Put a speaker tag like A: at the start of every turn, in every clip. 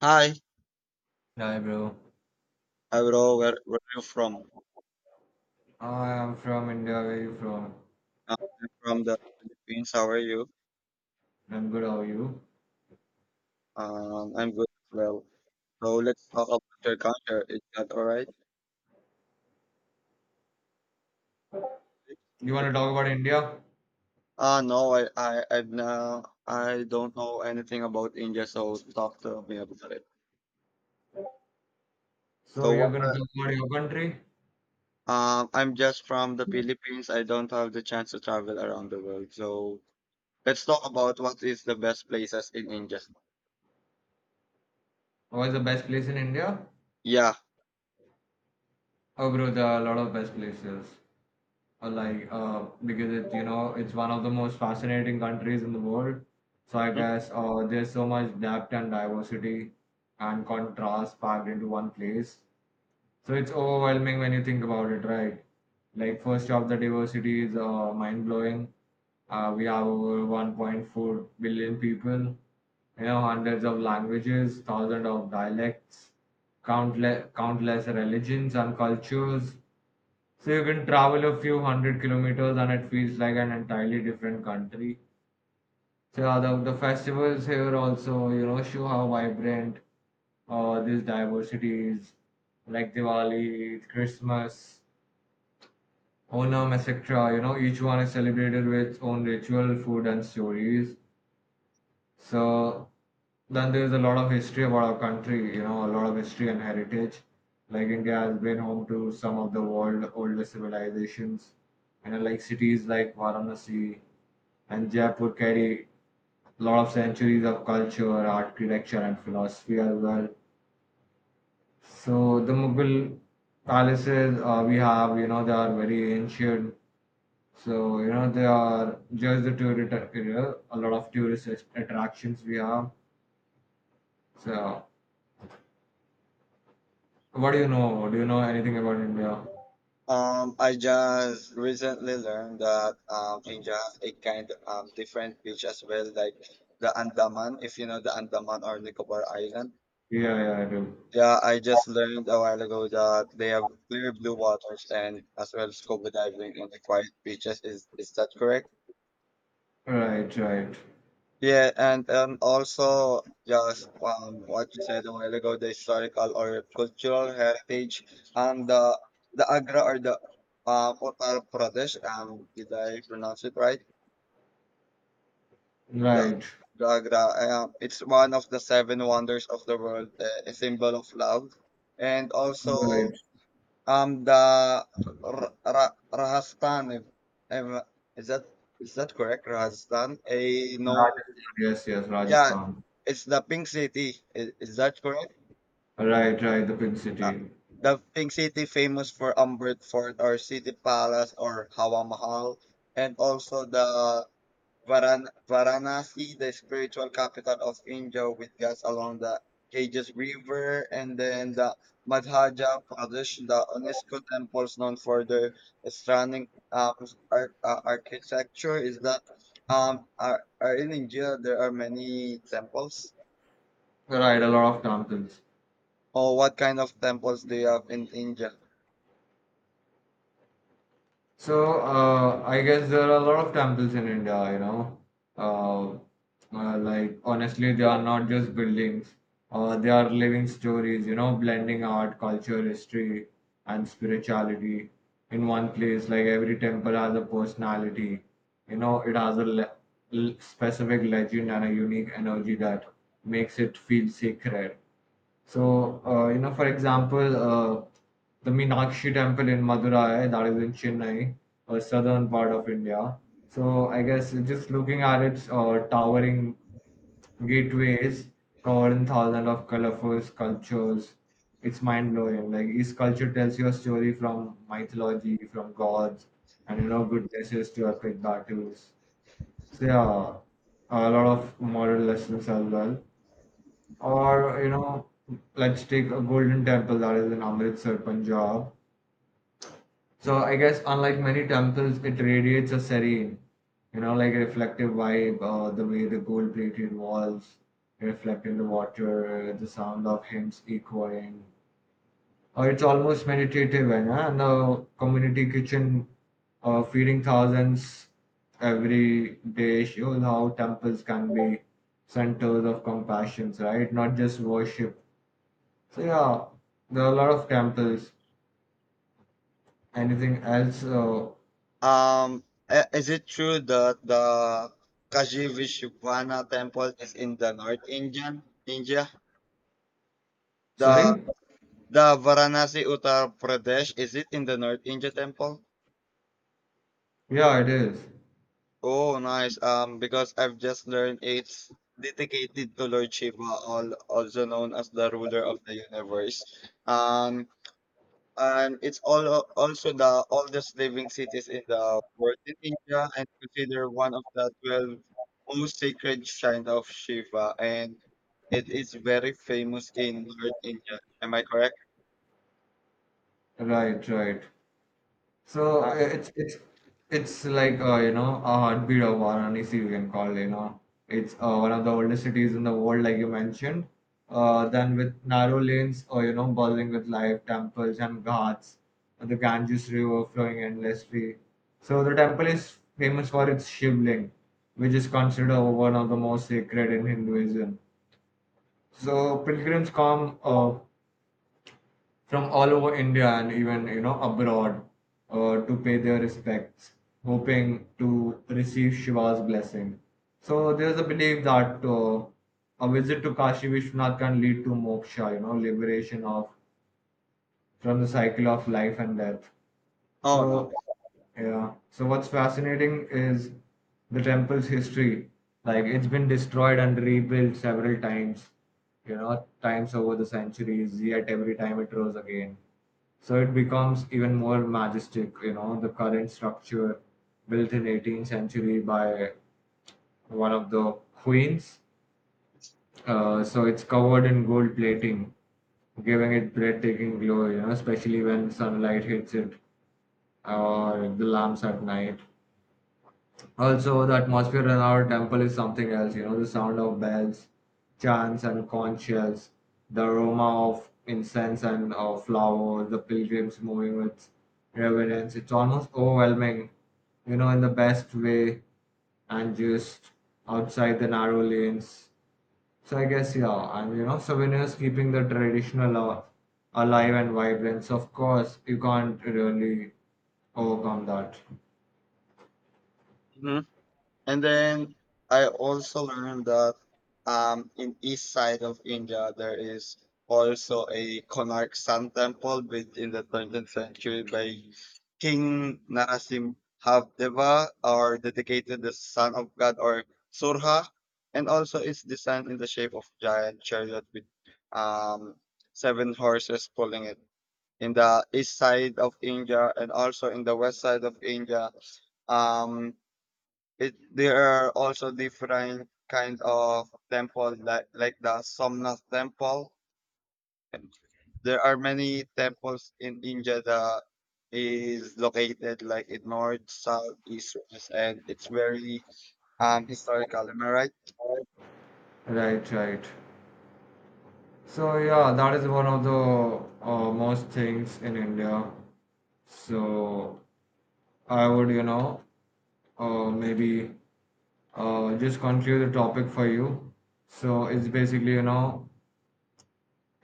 A: Hi,
B: Hi, bro.
A: Alvaro. Where are you from?
B: I am from India. Where you from?
A: Uh, I'm from the Philippines. How are you?
B: I'm good. How are you?
A: I'm good as well. So let's talk about your culture. Is that all right?
B: You want to talk about India?
A: Ah, no, I, I've now, I don't know anything about India, so talk to me about it.
B: So
A: So
B: you're
A: what?
B: gonna talk about your country?
A: I'm just from the Philippines. I don't have the chance to travel around the world. So let's talk about what is the best places in India.
B: What's the best place in India?
A: Yeah.
B: Oh, bro, there are a lot of best places. Because it's one of the most fascinating countries in the world. So I guess there's so much depth and diversity and contrast packed into one place. So it's overwhelming when you think about it, right? Like first off, the diversity is mind blowing. We have over 1.4 billion people, you know, hundreds of languages, thousands of dialects, countless religions and cultures. So you can travel a few hundred kilometers and it feels like an entirely different country. So the festivals here also, you know, show how vibrant this diversity is. Like Diwali, Christmas, Onam, etc. You know, each one is celebrated with its own ritual, food, and stories. So then there's a lot of history about our country, you know, a lot of history and heritage. Like India has been home to some of the world oldest civilizations, and like cities like Varanasi and Jaipur carry a lot of centuries of culture, architecture, and philosophy as well. So the Mughal palaces we have, you know, they are very ancient. So you know, they are just the tourist area. A lot of attractions we have. So what do you know? Do you know anything about India?
A: I just recently learned that India has a kind of different beach as well, like the Andaman, if you know the Andaman or Nicobar Island.
B: Yeah, yeah, I do.
A: Yeah, I just learned a while ago that they have clear blue waters and as well scuba diving on the quiet beaches. Is that correct?
B: Right, right,
A: Yeah, and also just what you said a while ago, the historical or cultural heritage, and the Agra, or the Uttar Pradesh. Did I pronounce it right? The,
B: right,
A: the Agra. It's one of the seven wonders of the world, a symbol of love, and also
B: right.
A: the Rajasthan. If- Is that is that correct? Rajasthan, a known,
B: Rajasthan. Yes, yes,
A: yeah.
B: Rajasthan.
A: It's the Pink City. Is that correct?
B: Right, right. The Pink
A: Uh,
B: City.
A: the Pink City, famous for Umbrut Fort or City Palace or Hawa Mahal, and also the Varanasi, the spiritual capital of India with gas along the Ganges River, and then the Madhya Pradesh, the UNESCO temples known for their stunning architecture. Is that are in India there are many temples?
B: Right, a lot of temples.
A: Or what kind of temples do you have in India?
B: So, I guess there are a lot of temples in India, you know. Uh, honestly, they are not just buildings, they are living stories, you know, blending art, culture, history, and spirituality in one place. Like, every temple has a personality, you know, it has a le- l- specific legend and a unique energy that makes it feel sacred. So, you know, for example, the Meenakshi temple in Madurai, that is in Chennai, a southern part of India. So, I guess just looking at its towering gateways covered in thousands of colorful sculptures, it's mind blowing. Like, each sculpture tells you a story from mythology, from gods, and you know, goodnesses to epic battles. So, yeah, a lot of moral lessons as well. Or, you know, let's take a golden temple that is in Amritsar, Punjab. So I guess unlike many temples, it radiates a serene, you know, like a reflective vibe, the way the gold-plated walls reflect in the water, the sound of hymns echoing. It's almost meditative, and the community kitchen feeding thousands every day shows how temples can be centers of compassion, right? Not just worship, so yeah, there are a lot of campus. Anything else?
A: Um, is it true that the Kashi Vishwana temple is in the North Indian India? The
B: Sorry?
A: the Varanasi Uttar Pradesh, is it in the North India temple?
B: Yeah, it is.
A: Oh, nice. Because I've just learned it's dedicated to Lord Shiva, all also known as the ruler of the universe. Um, and it's all also the oldest living cities in the world in India, and considered one of the 12 most sacred shrine of Shiva, and it is very famous in North India. Am I correct?
B: Right, right. So
A: Uh,
B: it's like you know a heartbeat of Varanasi you can call you know it's one of the oldest cities in the world like you mentioned. Then with narrow lanes or you know buzzing with life temples and ghats, and the Ganges River flowing endlessly. So the temple is famous for its Shivling, which is considered one of the most sacred in Hinduism. So pilgrims come from all over India and even you know abroad to pay their respects, hoping to receive Shiva's blessing. So there's a belief that a visit to Kashi Vishwanath can lead to moksha, you know, liberation of from the cycle of life and death.
A: oh
B: So, yeah. So what's fascinating is the temple's history. Like it's been destroyed and rebuilt several times, you know, times over the centuries, yet every time it rose again. So it becomes even more majestic, you know, the current structure built in 18th century by one of the queens. So it's covered in gold plating, giving it breathtaking glow, you know, especially when sunlight hits it or the lamps at night. Also, the atmosphere in our temple is something else. You know, the sound of bells, chants, and conch shells, the aroma of incense and flowers, the pilgrims moving with reverence. It's almost overwhelming, you know, in the best way, and just outside the narrow lanes. So I guess yeah, and you know, souvenirs keeping the traditional alive and vibrant. So of course, you can't really overcome that.
A: no. And then I also learned that in east side of India there is also a Konark Sun temple built in the 13th century by King Narasimhavdeva, or dedicated the son of God, or Surha, and also it's designed in the shape of giant chariot with um, seven horses pulling it. In the east side of India, and also in the west side of India, um, it, there are also different kinds of temples, like the Somnath temple. There are many temples in India that is located like in north, south, east, west, and it's very historical. Am I right?
B: Right, right. So yeah, that is one of the most things in India. So I would, you know, maybe just conclude the topic for you. So it's basically, you know,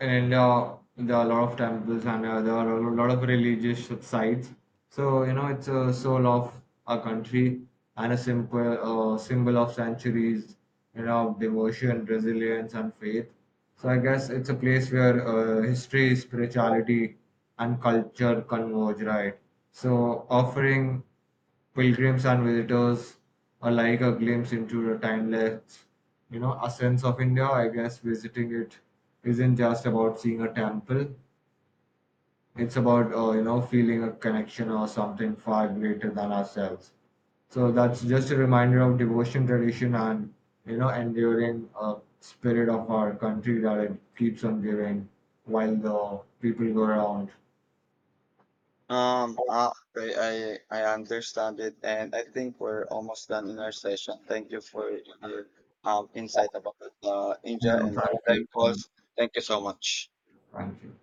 B: in India there are a lot of temples and there are a lot of religious sites. So you know, it's a soul of a country and a simple symbol of centuries, you know, of devotion, resilience, and faith. So I guess it's a place where history, spirituality, and culture converge, right? So offering pilgrims and visitors alike a glimpse into the timeless, you know, essence of India. I guess visiting it isn't just about seeing a temple; it's about you know feeling a connection or something far greater than ourselves. So that's just a reminder of devotion tradition and you know enduring spirit of our country that it keeps on giving while the people go around.
A: Okay, I understand it, and I think we're almost done in our session. Thank you for your insight about
B: You
A: India
B: know,
A: and the
B: thank you. Yeah,
A: temples. Thank you so much.
B: Thank you.